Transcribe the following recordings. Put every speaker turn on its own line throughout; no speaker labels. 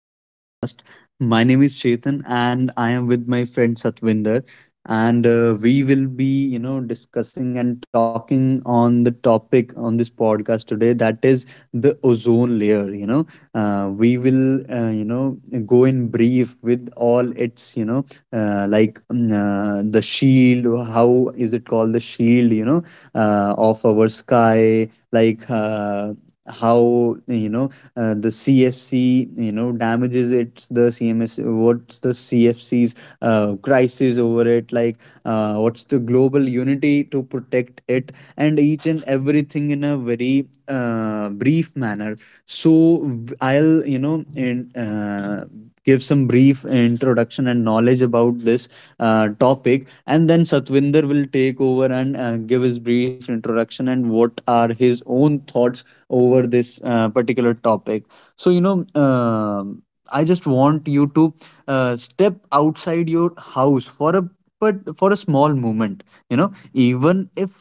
to this podcast. My name is Chetan and I am with my friend Satvinder, and we will be discussing and talking on the topic on this podcast today, that is the ozone layer. We will go in brief with all its the shield. How is it called the shield, of our sky? Like how you know the cfc, damages, it's the cms what's the cfc's crisis over it. Like what's the global unity to protect it, and each and everything in a very brief manner. So I'll you know in give some brief introduction and knowledge about this topic, and then Satwinder will take over and give his brief introduction and what are his own thoughts over this particular topic. So, I just want you to step outside your house for a but for a small moment, you know even if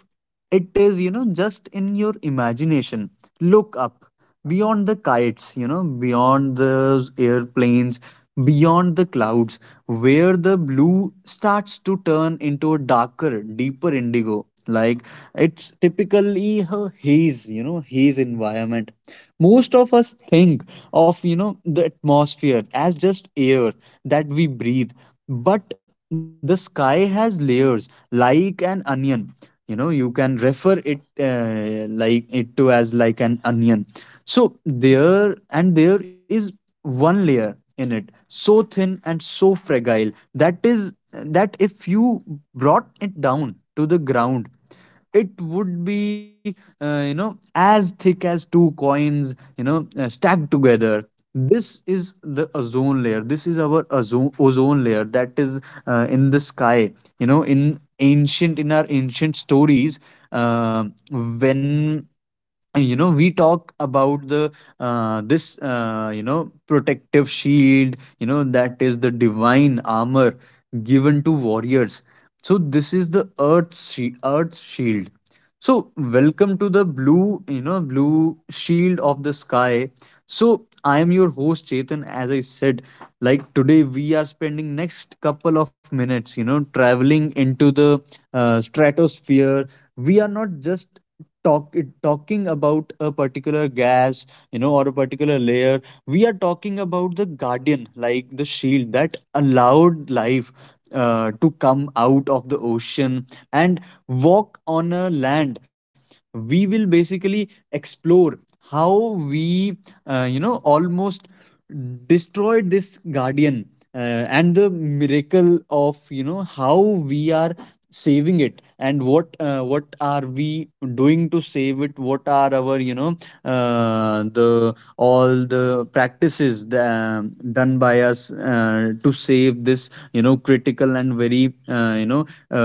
it is, just in your imagination. Look up beyond the kites, beyond the airplanes, beyond the clouds, where the blue starts to turn into a darker, deeper indigo. Like it's typically a haze you know haze environment. Most of us think of, the atmosphere as just air that we breathe, but the sky has layers like an onion. You know, you can refer it, like it, to as like an onion. So there is one layer in it so thin and so fragile that if you brought it down to the ground, it would be, as thick as two coins, stacked together. This is the ozone layer. This is our ozone layer that is in the sky. You know, in ancient in our ancient stories, um when, you know, we talk about the this you know, protective shield, you know, that is the divine armor given to warriors. So this is the earth shield. So welcome to the blue you know blue shield of the sky. So I am your host Chetan, as I said. Like today we are spending next couple of minutes, you know, traveling into the stratosphere. We are not just talk talking about a particular gas, you know, or a particular layer. We are talking about the guardian, like the shield that allowed life to come out of the ocean and walk on a land. We will basically explore how we almost destroyed this guardian, and the miracle of, you know, how we are saving it, and what are we doing to save it, what are our, the all the practices, done by us to save this, you know, critical and very uh, you know uh,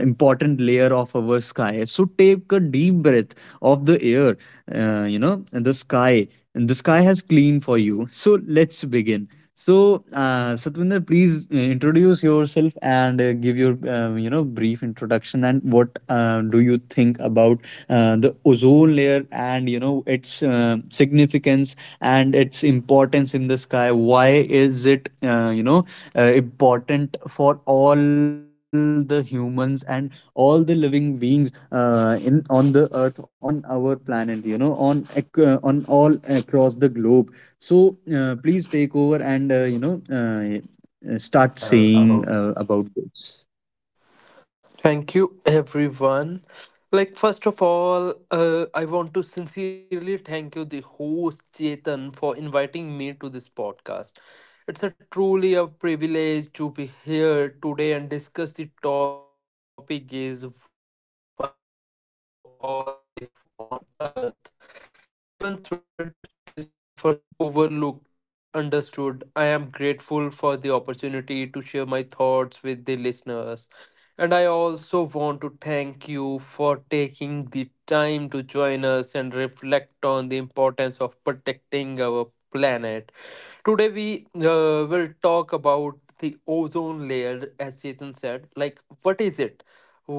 uh, important layer of our sky. So take a deep breath of the air, and the sky. And the sky has cleaned for you. So let's begin. So, Satvinder, please introduce yourself and give your, brief introduction and what do you think about the ozone layer, and, you know, its significance and its importance in the sky. Why is it important for all the humans and all the living beings in on the earth, on our planet, you know, on on all across the globe. So please take over and start saying
About.
about this.
Thank you, everyone. I want to sincerely thank you, the host Chetan, for inviting me to this podcast. It's a truly a privilege to be here today and discuss the topic is vital for all life on earth, even though it is often overlooked or misunderstood. I am grateful for the opportunity to share my thoughts with the listeners, and I also want to thank you for taking the time to join us and reflect on the importance of protecting our planet. Today we will talk about the ozone layer. As Chetan said, like what is it,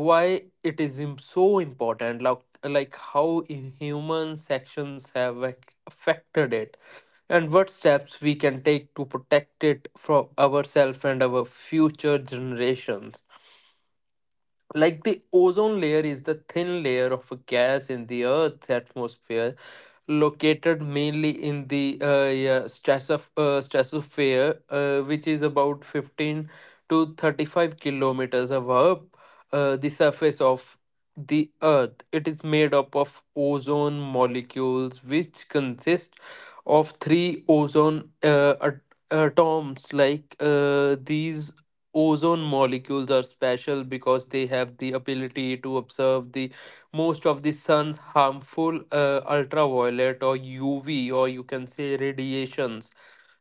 why it is so important, like how human actions have affected it, and what steps we can take to protect it from ourselves and our future generations. Like the ozone layer is the thin layer of a gas in the earth's atmosphere, located mainly in the stratosphere, which is about 15 to 35 kilometers above the surface of the earth. It is made up of ozone molecules, which consist of three ozone atoms. These ozone molecules are special because they have the ability to observe the most of the sun's harmful ultraviolet, or UV, or you can say radiations.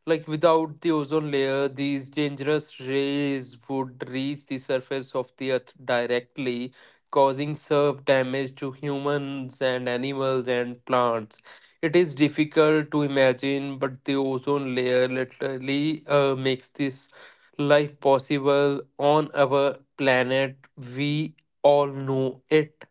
Like without the ozone layer, these dangerous rays would reach the surface of the earth directly, causing severe damage to humans and animals and plants. It is difficult to imagine, but the ozone layer literally makes this life possible on our planet. We all know it.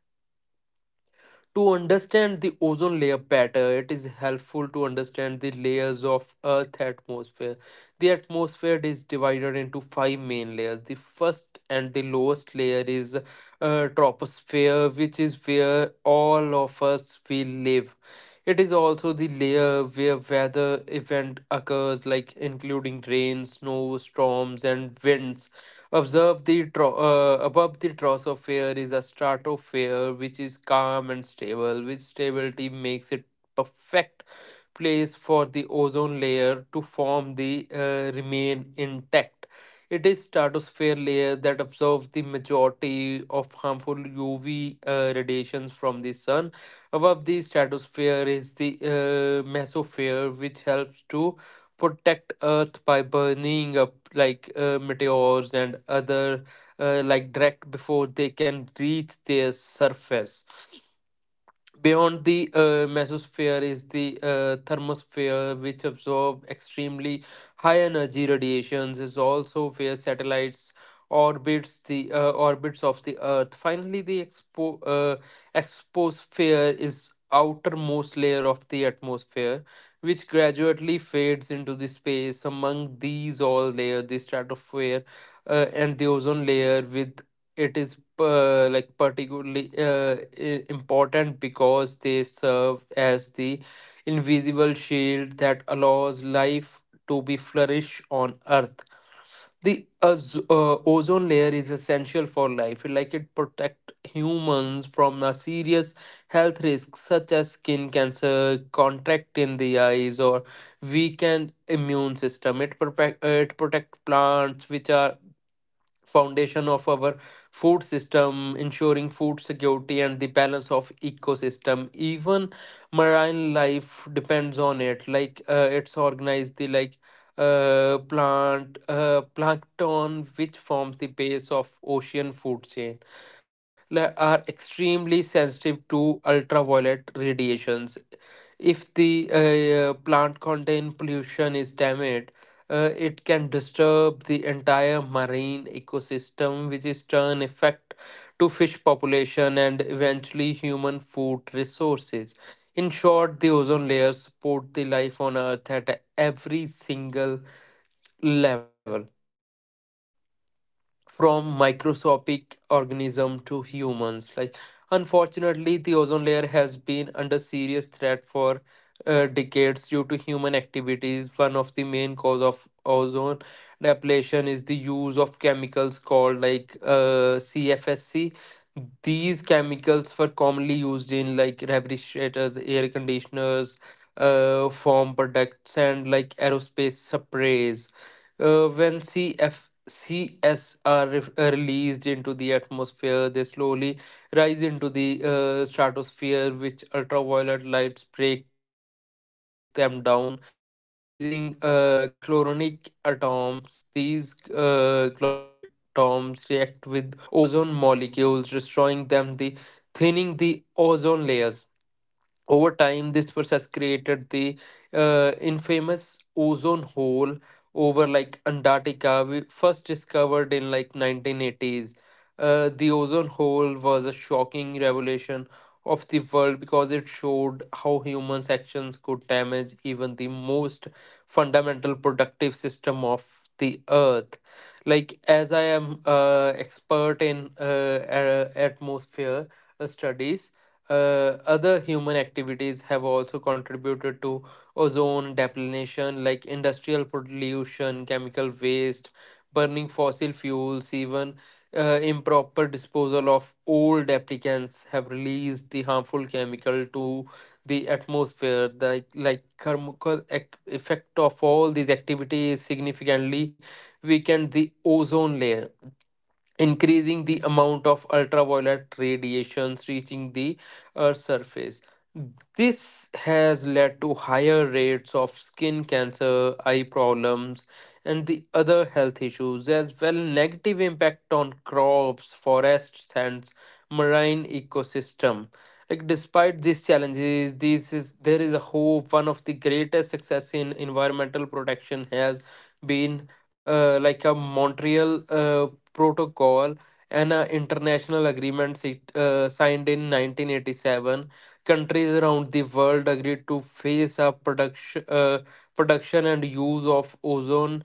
To understand the ozone layer better, it is helpful to understand the layers of Earth atmosphere. The atmosphere is divided into five main layers. The first and the lowest layer is troposphere, which is where all of us we live. It is also the layer where weather event occurs, like including rain, snow, storms, and winds. Observe the above the troposphere is a stratosphere, which is calm and stable, which stability makes it perfect place for the ozone layer to form the remain intact. It is stratosphere layer that absorbs the majority of harmful UV radiations from the sun. Above the stratosphere is the mesosphere, which helps to protect Earth by burning up like meteors and other direct before they can reach their surface. Beyond the mesosphere is the thermosphere, which absorb extremely high energy radiations. Is also where satellites orbits the orbits of the Earth. Finally, the exposphere is outermost layer of the atmosphere, which gradually fades into the space. Among these all layer, the stratosphere and the ozone layer, with it is particularly important because they serve as the invisible shield that allows life to be flourish on earth. The ozone layer is essential for life, like it protect humans from a serious health risks such as skin cancer, contract in the eyes, or weakened immune system. It protect plants, which are foundation of our food system, ensuring food security and the balance of ecosystem. Even marine life depends on it, like it's organized the like plant plankton, which forms the base of ocean food chain, are extremely sensitive to ultraviolet radiations. If the plant contain pollution is damaged, it can disturb the entire marine ecosystem, which is turn effect to fish population and eventually human food resources. In short, the ozone layer support the life on Earth at every single level, from microscopic organism to humans. Unfortunately, the ozone layer has been under serious threat for decades due to human activities. One of the main cause of ozone depletion is the use of chemicals called CFSC. These chemicals were commonly used in like refrigerators, air conditioners, foam products, and like aerospace sprays. When CFSC CS are released into the atmosphere, they slowly rise into the stratosphere, which ultraviolet lights break them down, releasing chloronic atoms. These chloronic atoms react with ozone molecules, destroying them, the thinning the ozone layers. Over time, this force has created the infamous ozone hole over like Antarctica, we first discovered in like 1980s. The ozone hole was a shocking revelation of the world because it showed how humans' actions could damage even the most fundamental productive system of the earth. Like as I am expert in atmosphere studies, other human activities have also contributed to ozone depletion, like industrial pollution, chemical waste, burning fossil fuels, even improper disposal of old applicants have released the harmful chemical to the atmosphere. The, like chemical effect of all these activities significantly weakened the ozone layer, increasing the amount of ultraviolet radiations reaching the Earth's surface. This has led to higher rates of skin cancer, eye problems, and the other health issues, as well negative impact on crops, forests, and marine ecosystem. Like despite these challenges, this is there is a hope. One of the greatest success in environmental protection has been like a Montreal protocol, and an international agreement signed in 1987. Countries around the world agreed to phase up production and use of ozone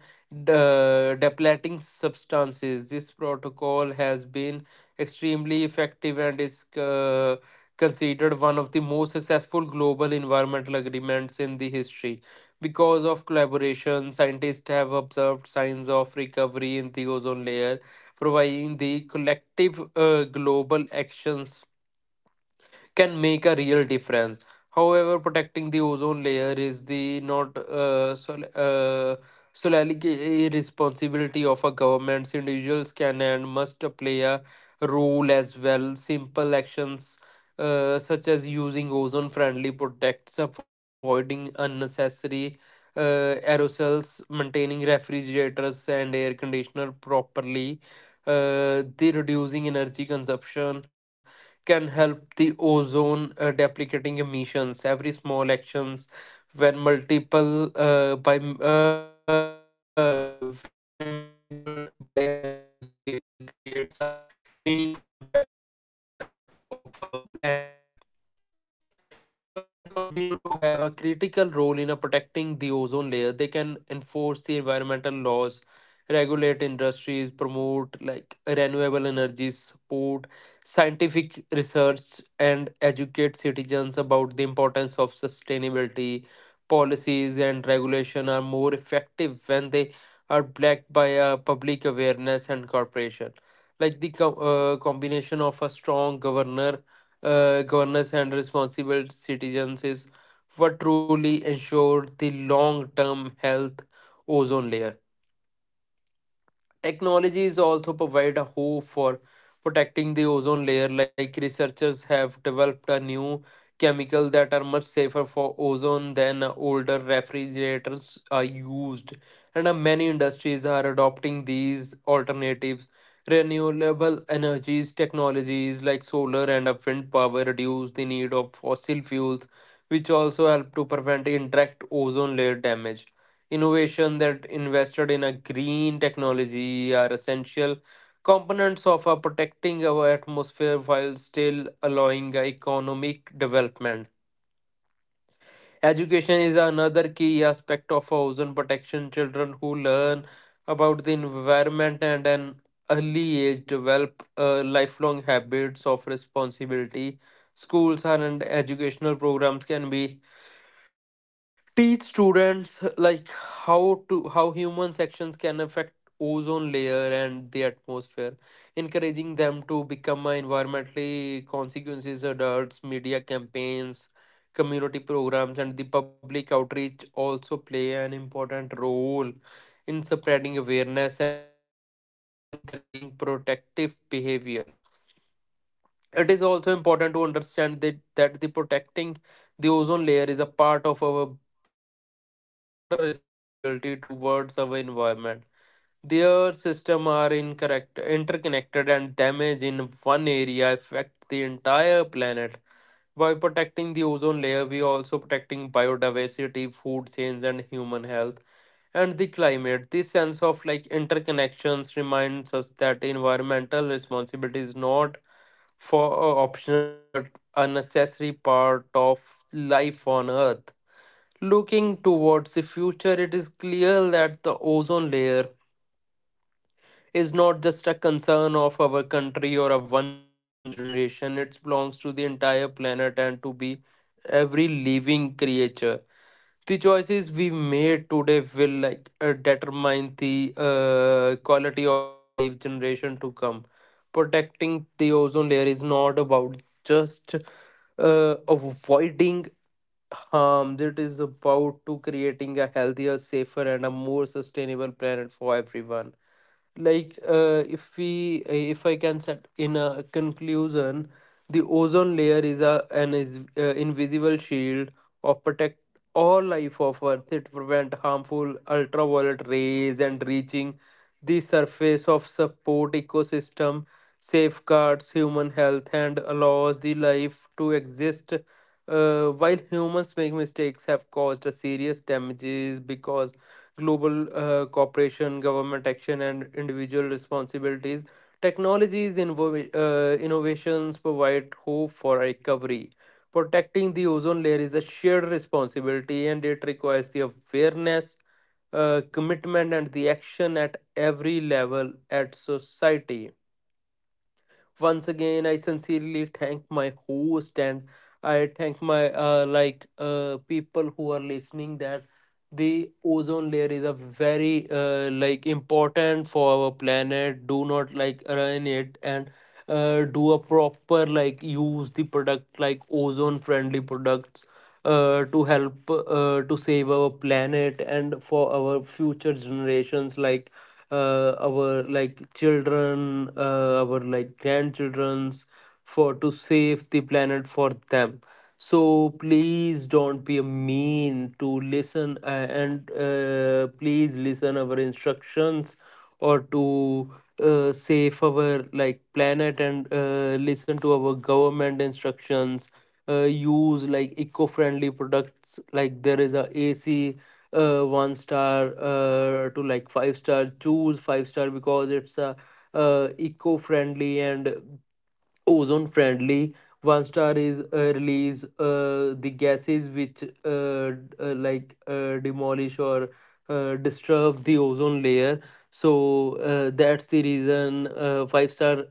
depleting substances. This protocol has been extremely effective and is considered one of the most successful global environmental agreements in the history. Because of collaboration, scientists have observed signs of recovery in the ozone layer, providing the collective global actions can make a real difference. However, protecting the ozone layer is the not solely a responsibility of a government. Individuals can and must play a role as well. Simple actions such as using ozone-friendly products, avoiding unnecessary aerosols, maintaining refrigerators and air conditioner properly, the reducing energy consumption can help the ozone deprecating emissions. Every small actions, when when multiple by a millions of people, creates a meaningful impact on the health of our planet. Government continue to have a critical role in protecting the ozone layer. They can enforce the environmental laws, regulate industries, promote like renewable energies, support scientific research, and educate citizens about the importance of sustainability. Policies and regulation are more effective when they are backed by a public awareness and cooperation. Like the combination of a strong governor governance and responsible citizens is what truly ensure the long-term health ozone layer. Technologies also provide a hope for protecting the ozone layer, like researchers have developed a new chemical that are much safer for ozone than older refrigerators are used. And many industries are adopting these alternatives. Renewable energies technologies like solar and wind power reduce the need of fossil fuels, which also help to prevent indirect ozone layer damage. Innovation that invested in a green technology are essential components of our protecting our atmosphere while still allowing economic development. Education is another key aspect of ozone protection. Children who learn about the environment and an early age develop lifelong habits of responsibility. Schools and educational programs can be teach students like how to how human actions can affect ozone layer and the atmosphere, encouraging them to become a environmentally consequences adults, media campaigns, community programs, and the public outreach also play an important role in spreading awareness and encouraging protective behaviors. It is also important to understand that the protecting the ozone layer is a part of our broader responsibility towards our environment. The Earth system are incorrect, interconnected, and damage in one area affect the entire planet. By protecting the ozone layer, we are also protecting biodiversity, food chains, and human health, and the climate. This sense of like interconnections reminds us that environmental responsibility is not for a optional but a necessary part of life on Earth. Looking towards the future, it is clear that the ozone layer is not just a concern of our country or of one generation, it belongs to the entire planet and to be every living creature. The choices we made today will determine the quality of our life generation to come. Protecting the ozone layer is not about just avoiding harm, it is about to creating a healthier, safer, and a more sustainable planet for everyone. If we if I can set in a conclusion, the ozone layer is a an is invisible shield of protect all life of earth. It prevent harmful ultraviolet rays and reaching the surface of support ecosystem, safeguards human health, and allows the life to exist. While humans make mistakes have caused a serious damages because global cooperation, government action, and individual responsibilities. Technologies, innovations provide hope for recovery. Protecting the ozone layer is a shared responsibility and it requires the awareness, commitment, and the action at every level at society. Once again, I sincerely thank my host, and I thank my people who are listening that the ozone layer is a very important for our planet. Do not like ruin it, and do a proper like use the product like ozone friendly products, to help to save our planet and for our future generations, like our like children, our like grandchildren's, for to save the planet for them. So please don't be a mean to listen, and please listen our instructions or to save our like planet, and listen to our government instructions. Use like eco-friendly products, like there is a ac one star to like five star. Choose five-star because it's a eco-friendly and ozone friendly. One star is release the gases which demolish or disturb the ozone layer. So that's the reason five star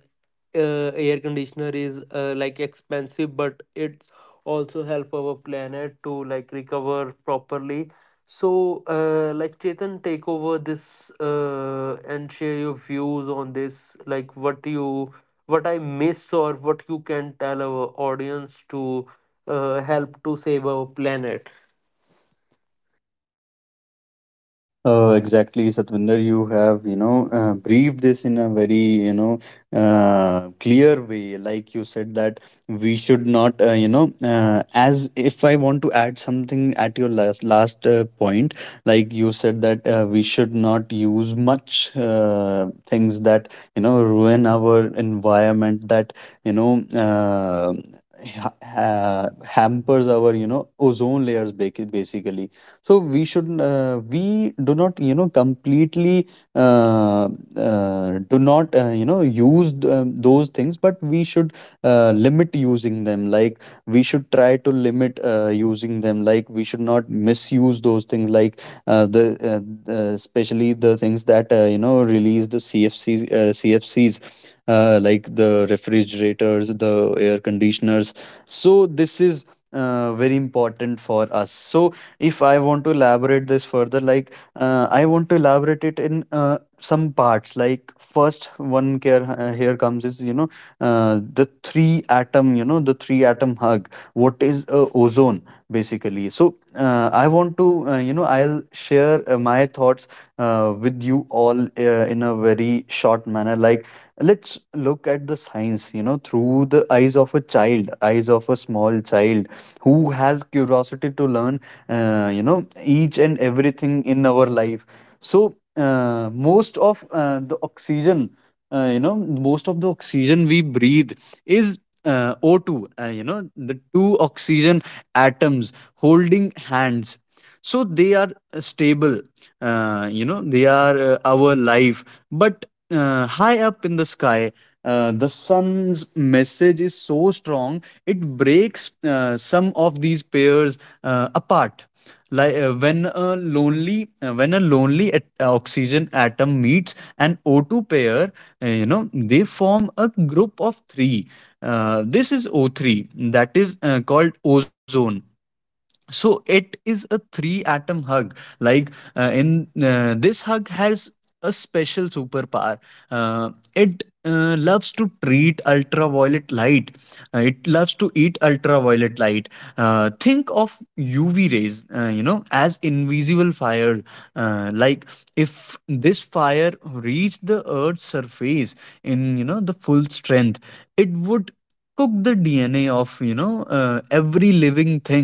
air conditioner is like expensive, but it's also help our planet to like recover properly. So Chetan, take over this and share your views on this, like what you, what I miss, or what you can tell our audience to help to save our planet?
Exactly, Satvinder. You have, you know, briefed this in a very, you know, clear way. Like you said that we should not, as if I want to add something at your last point, like you said that we should not use much things that, you know, ruin our environment. That you know. Ha- ha- Hampers our, you know, ozone layers basically. So we should, we do not, you know, completely uh, do not, use those things, but we should limit using them. Like we should try to limit using them, like we should not misuse those things. Like uh, the, uh, the especially the things that, release the cfcs, like the refrigerators, the air conditioners. So this is very important for us. So if I want to elaborate this further, like I want to elaborate it in some parts. Like first one care here comes is, you know, uh, the three the three atom hug. What is ozone basically? So I want to, I'll share my thoughts with you all in a very short manner. Like let's look at the science, you know, through the eyes of a child, eyes of a small child who has curiosity to learn, uh, you know each and everything in our life. So most of the oxygen, uh, you know most of the oxygen we breathe is O2, uh, you know the two oxygen atoms holding hands. So they are stable, they are our life. But high up in the sky, the sun's message is so strong it breaks some of these pairs apart. Like when a lonely oxygen atom meets an O2 pair, they form a group of 3. Uh, this is O3, that is called ozone. So it is a three atom hug. Like in this hug has a special superpower. Uh, it loves to treat ultraviolet light, it loves to eat ultraviolet light. Uh, think of uv rays, as invisible fire. Uh, like if this fire reached the earth's surface in, you know, the full strength, it would cook the dna of, every living thing.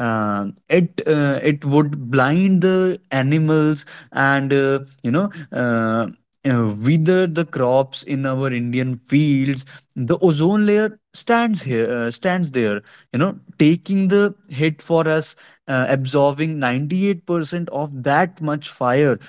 Uh, it would blind the animals, and you know uh, wither the crops in our indian fields. The ozone layer stands there, you know, taking the hit for us, absorbing 98% of that much fire.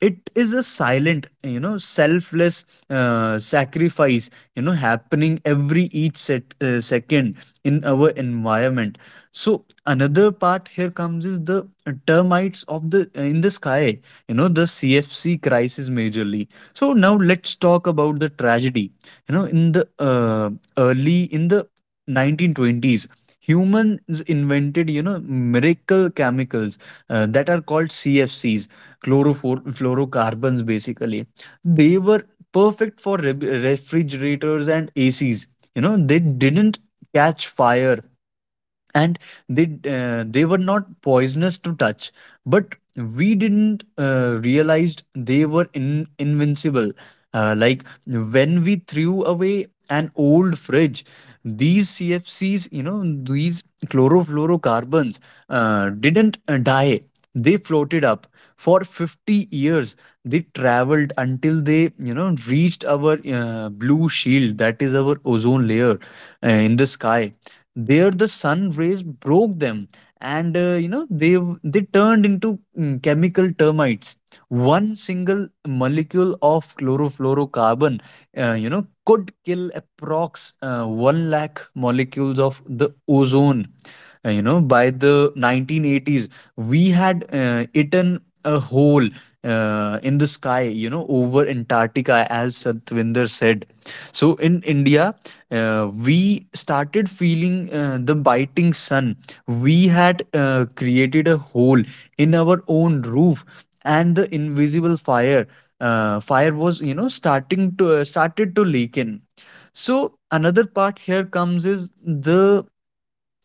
It is a silent, you know, selfless sacrifice, you know, happening every second in our environment. So another part here comes is the termites of the sky, you know, the cfc crisis majorly. So now let's talk about the tragedy, you know, in the early in the 1920s. Humans invented, you know, miracle chemicals that are called cfcs, chlorofluorocarbons basically. They were perfect for refrigerators and acs. You know, they didn't catch fire, and they were not poisonous to touch. But we didn't realized they were invincible. Uh, like when we threw away an old fridge, these cfcs, you know, these chlorofluorocarbons didn't die. They floated up for 50 years. They traveled until they, you know, reached our blue shield, that is our ozone layer in the sky. There the sun rays broke them, and, they turned into chemical termites. One single molecule of chlorofluorocarbon, could kill approx 1 lakh molecules of the ozone. You know, by the 1980s we had eaten a hole in the sky, you know, over antarctica, as Satvinder said. So in india, we started feeling the biting sun. We had created a hole in our own roof, and the invisible fire was, you know, starting to started to leak in. So another part here comes is the,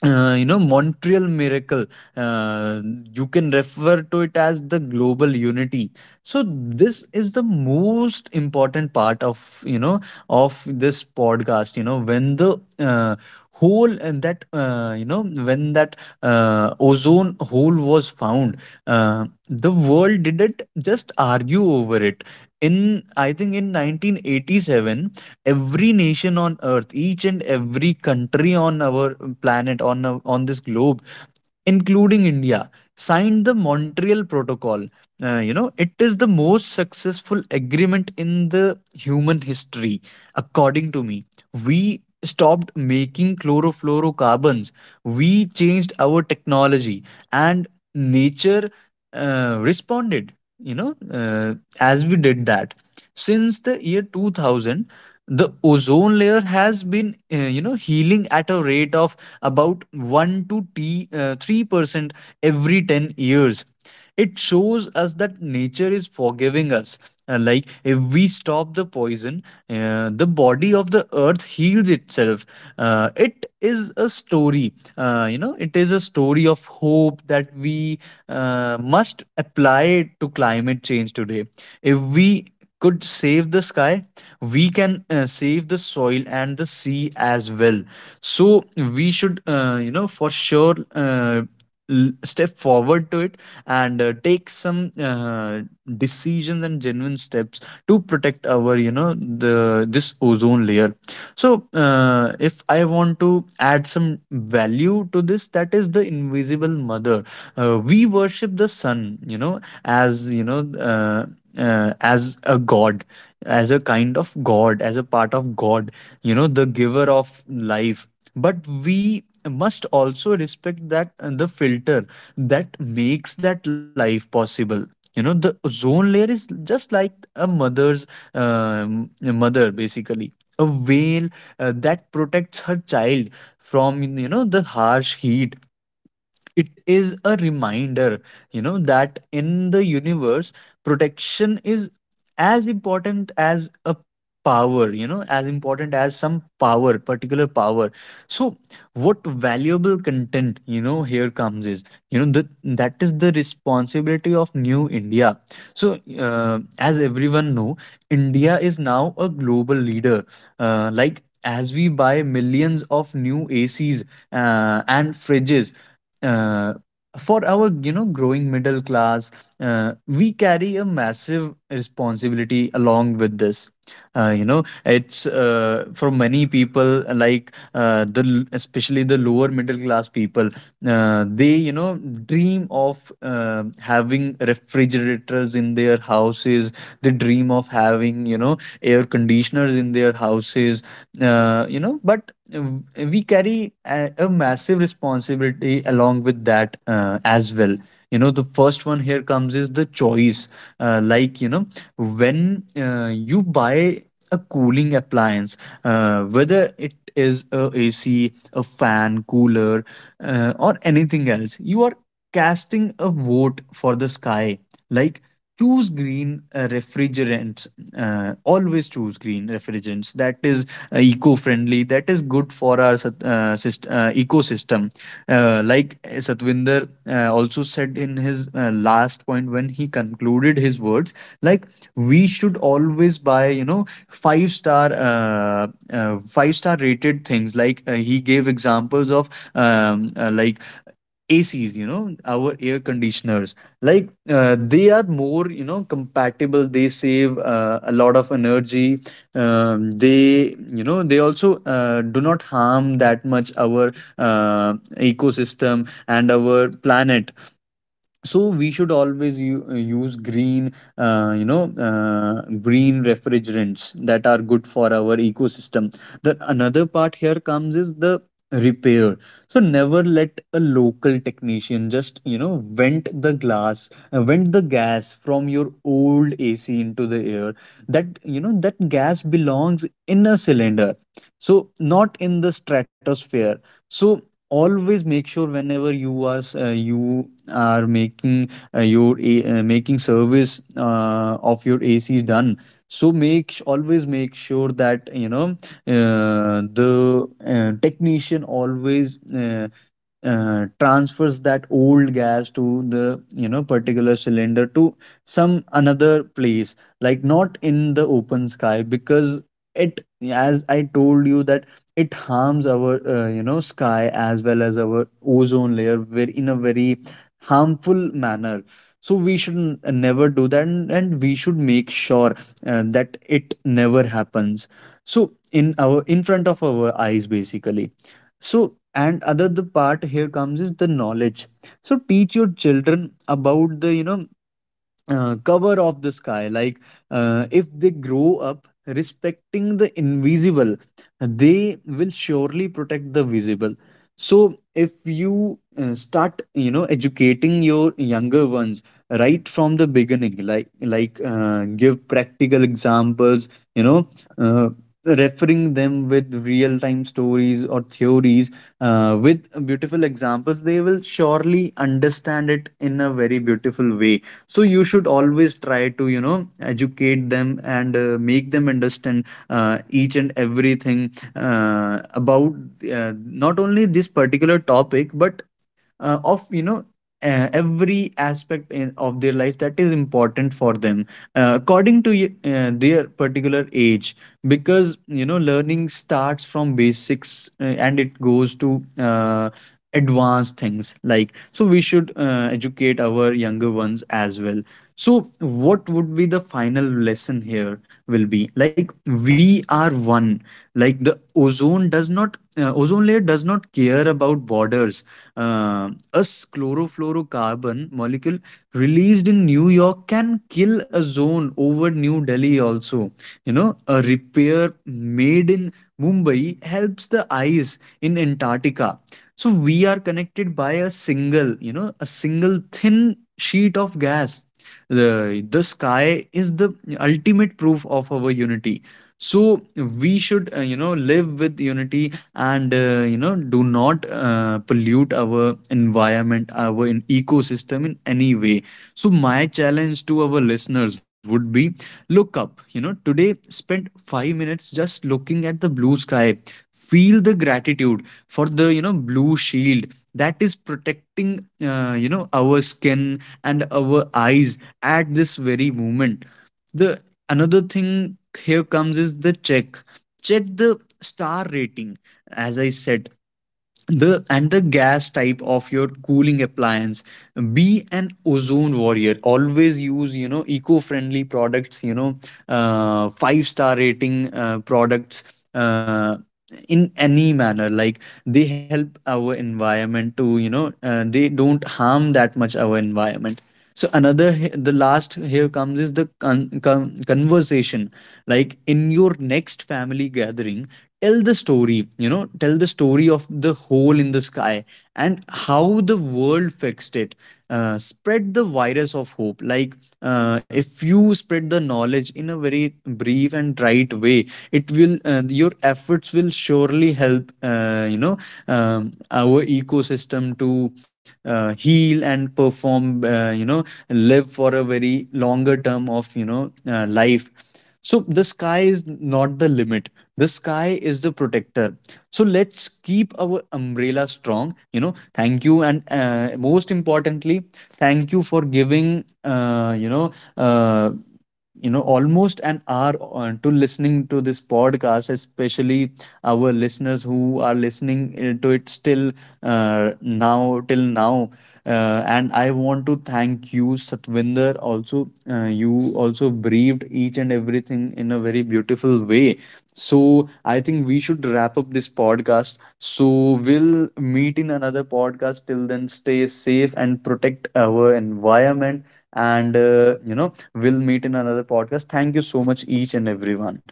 montreal miracle. Uh, you can refer to it as the global unity. So this is the most important part of, you know, of this podcast. You know, when the hole and that you know when that ozone hole was found, the world didn't just argue over it. In I think in 1987, every nation on earth, each and every country on our planet, on this globe, including india, signed the montreal protocol. You know, it is the most successful agreement in the human history, according to me. We stopped making chlorofluorocarbons. We changed our technology, and nature responded. you know uh, as we did that, since the year 2000, the ozone layer has been, healing at a rate of about 1 to 3% every 10 years. It shows us that nature is forgiving us. Like if we stop the poison, the body of the earth heals itself. It is a story, it is a story of hope that we must apply to climate change today. If we could save the sky, we can save the soil and the sea as well. So we should you know, for sure, uh, step forward to it and take some decisions and genuine steps to protect our, you know, the this ozone layer. So if I want to add some value to this, that is the invisible mother. We worship the sun, you know, as you know, uh, as a god, as a kind of god, as a part of god, you know, the giver of life. But we must also respect that the filter that makes that life possible. You know, the ozone layer is just like a mother's, um, mother basically, a whale that protects her child from, you know, the harsh heat. It is a reminder, you know, that in the universe, protection is as important as a power, you know, as important as some power, particular power. So what valuable content, you know, here comes is, you know, that that is the responsibility of new india. So as everyone know, india is now a global leader. Like as we buy millions of new acs and fridges, uh, for our, you know, growing middle class, we carry a massive responsibility along with this. You know, it's for many people, like especially the lower middle class people. They, you know, dream of having refrigerators in their houses. They dream of having, you know, air conditioners in their houses. You know, but we carry a massive responsibility along with that as well. You know, the first one here comes is the choice. Like, you know, when you buy a cooling appliance, whether it is a ac, a fan, cooler, or anything else, you are casting a vote for the sky. Like, choose green refrigerants. Always choose green refrigerants that is eco-friendly, that is good for our ecosystem. Like Satwinder also said in his last point when he concluded his words. Like, we should always buy, you know, five-star rated things. Like he gave examples of like ACs, you know, our air conditioners, like they are more, you know, compatible. They save a lot of energy. They, you know, they also do not harm that much our ecosystem and our planet. So we should always use green, uh, you know uh, green refrigerants that are good for our ecosystem. The another part here comes is the repair. So never let a local technician just, you know, vent the glass, vent the gas from your old ac into the air. That, you know, that gas belongs in a cylinder, so not in the stratosphere. So always make sure whenever you are you are making making service of your AC done. So always make sure that, you know, the technician always transfers that old gas to the, you know, particular cylinder, to some another place, like not in the open sky. Because it, as I told you, that it harms our, you know, sky as well as our ozone layer very, in a very harmful manner. So we should never do that, and we should make sure that it never happens. So in our, in front of our eyes basically. So and other, the part here comes is the knowledge. So teach your children about the, you know, cover of the sky. Like if they grow up respecting the invisible, they will surely protect the visible. So if you start, you know, educating your younger ones right from the beginning, like like give practical examples, you know, uh, referring them with real time stories or theories, with beautiful examples, they will surely understand it in a very beautiful way. So you should always try to, you know, educate them and make them understand each and everything about not only this particular topic, but of, you know, every aspect in, of their life that is important for them, according to their particular age. Because, you know, learning starts from basics and it goes to advanced things, like, so we should educate our younger ones as well. So what would be the final lesson here, will be like, we are one. Like the ozone does not ozone layer does not care about borders. A chlorofluorocarbon molecule released in New York can kill a zone over New Delhi also. You know, a repair made in Mumbai helps the ice in Antarctica. So we are connected by a single, you know, a single thin sheet of gas. The sky is the ultimate proof of our unity. So we should, you know, live with unity and, you know, do not pollute our environment, our ecosystem, in any way. So my challenge to our listeners would be, look up, you know, today, spend 5 minutes just looking at the blue sky. Feel the gratitude for the, you know, blue shield that is protecting, you know, our skin and our eyes at this very moment. The another thing here comes is the check. Check the star rating, as I said, the and the gas type of your cooling appliance. Be an ozone warrior, always use, you know, eco-friendly products, you know, five-star rating products, in any manner, like they help our environment to, you know, they don't harm that much our environment. So another, the last here comes is the conversation. Like in your next family gathering, tell the story, you know, tell the story of the hole in the sky and how the world fixed it. Spread the virus of hope, like if you spread the knowledge in a very brief and right way, it will your efforts will surely help, you know, our ecosystem to heal and perform, you know, live for a very longer term of, you know, life. So the sky is not the limit. The sky is the protector. So let's keep our umbrella strong. You know, thank you, and most importantly, thank you for giving. You know, almost an hour on to listening to this podcast, especially our listeners who are listening, holding to it still, now till now, and I want to thank you satvinder also. You also briefed each and everything in a very beautiful way. So I think we should wrap up this podcast, so we'll meet in another podcast. Till then, stay safe and protect our environment. And, you know, we'll meet in another podcast. Thank you so much, each and everyone.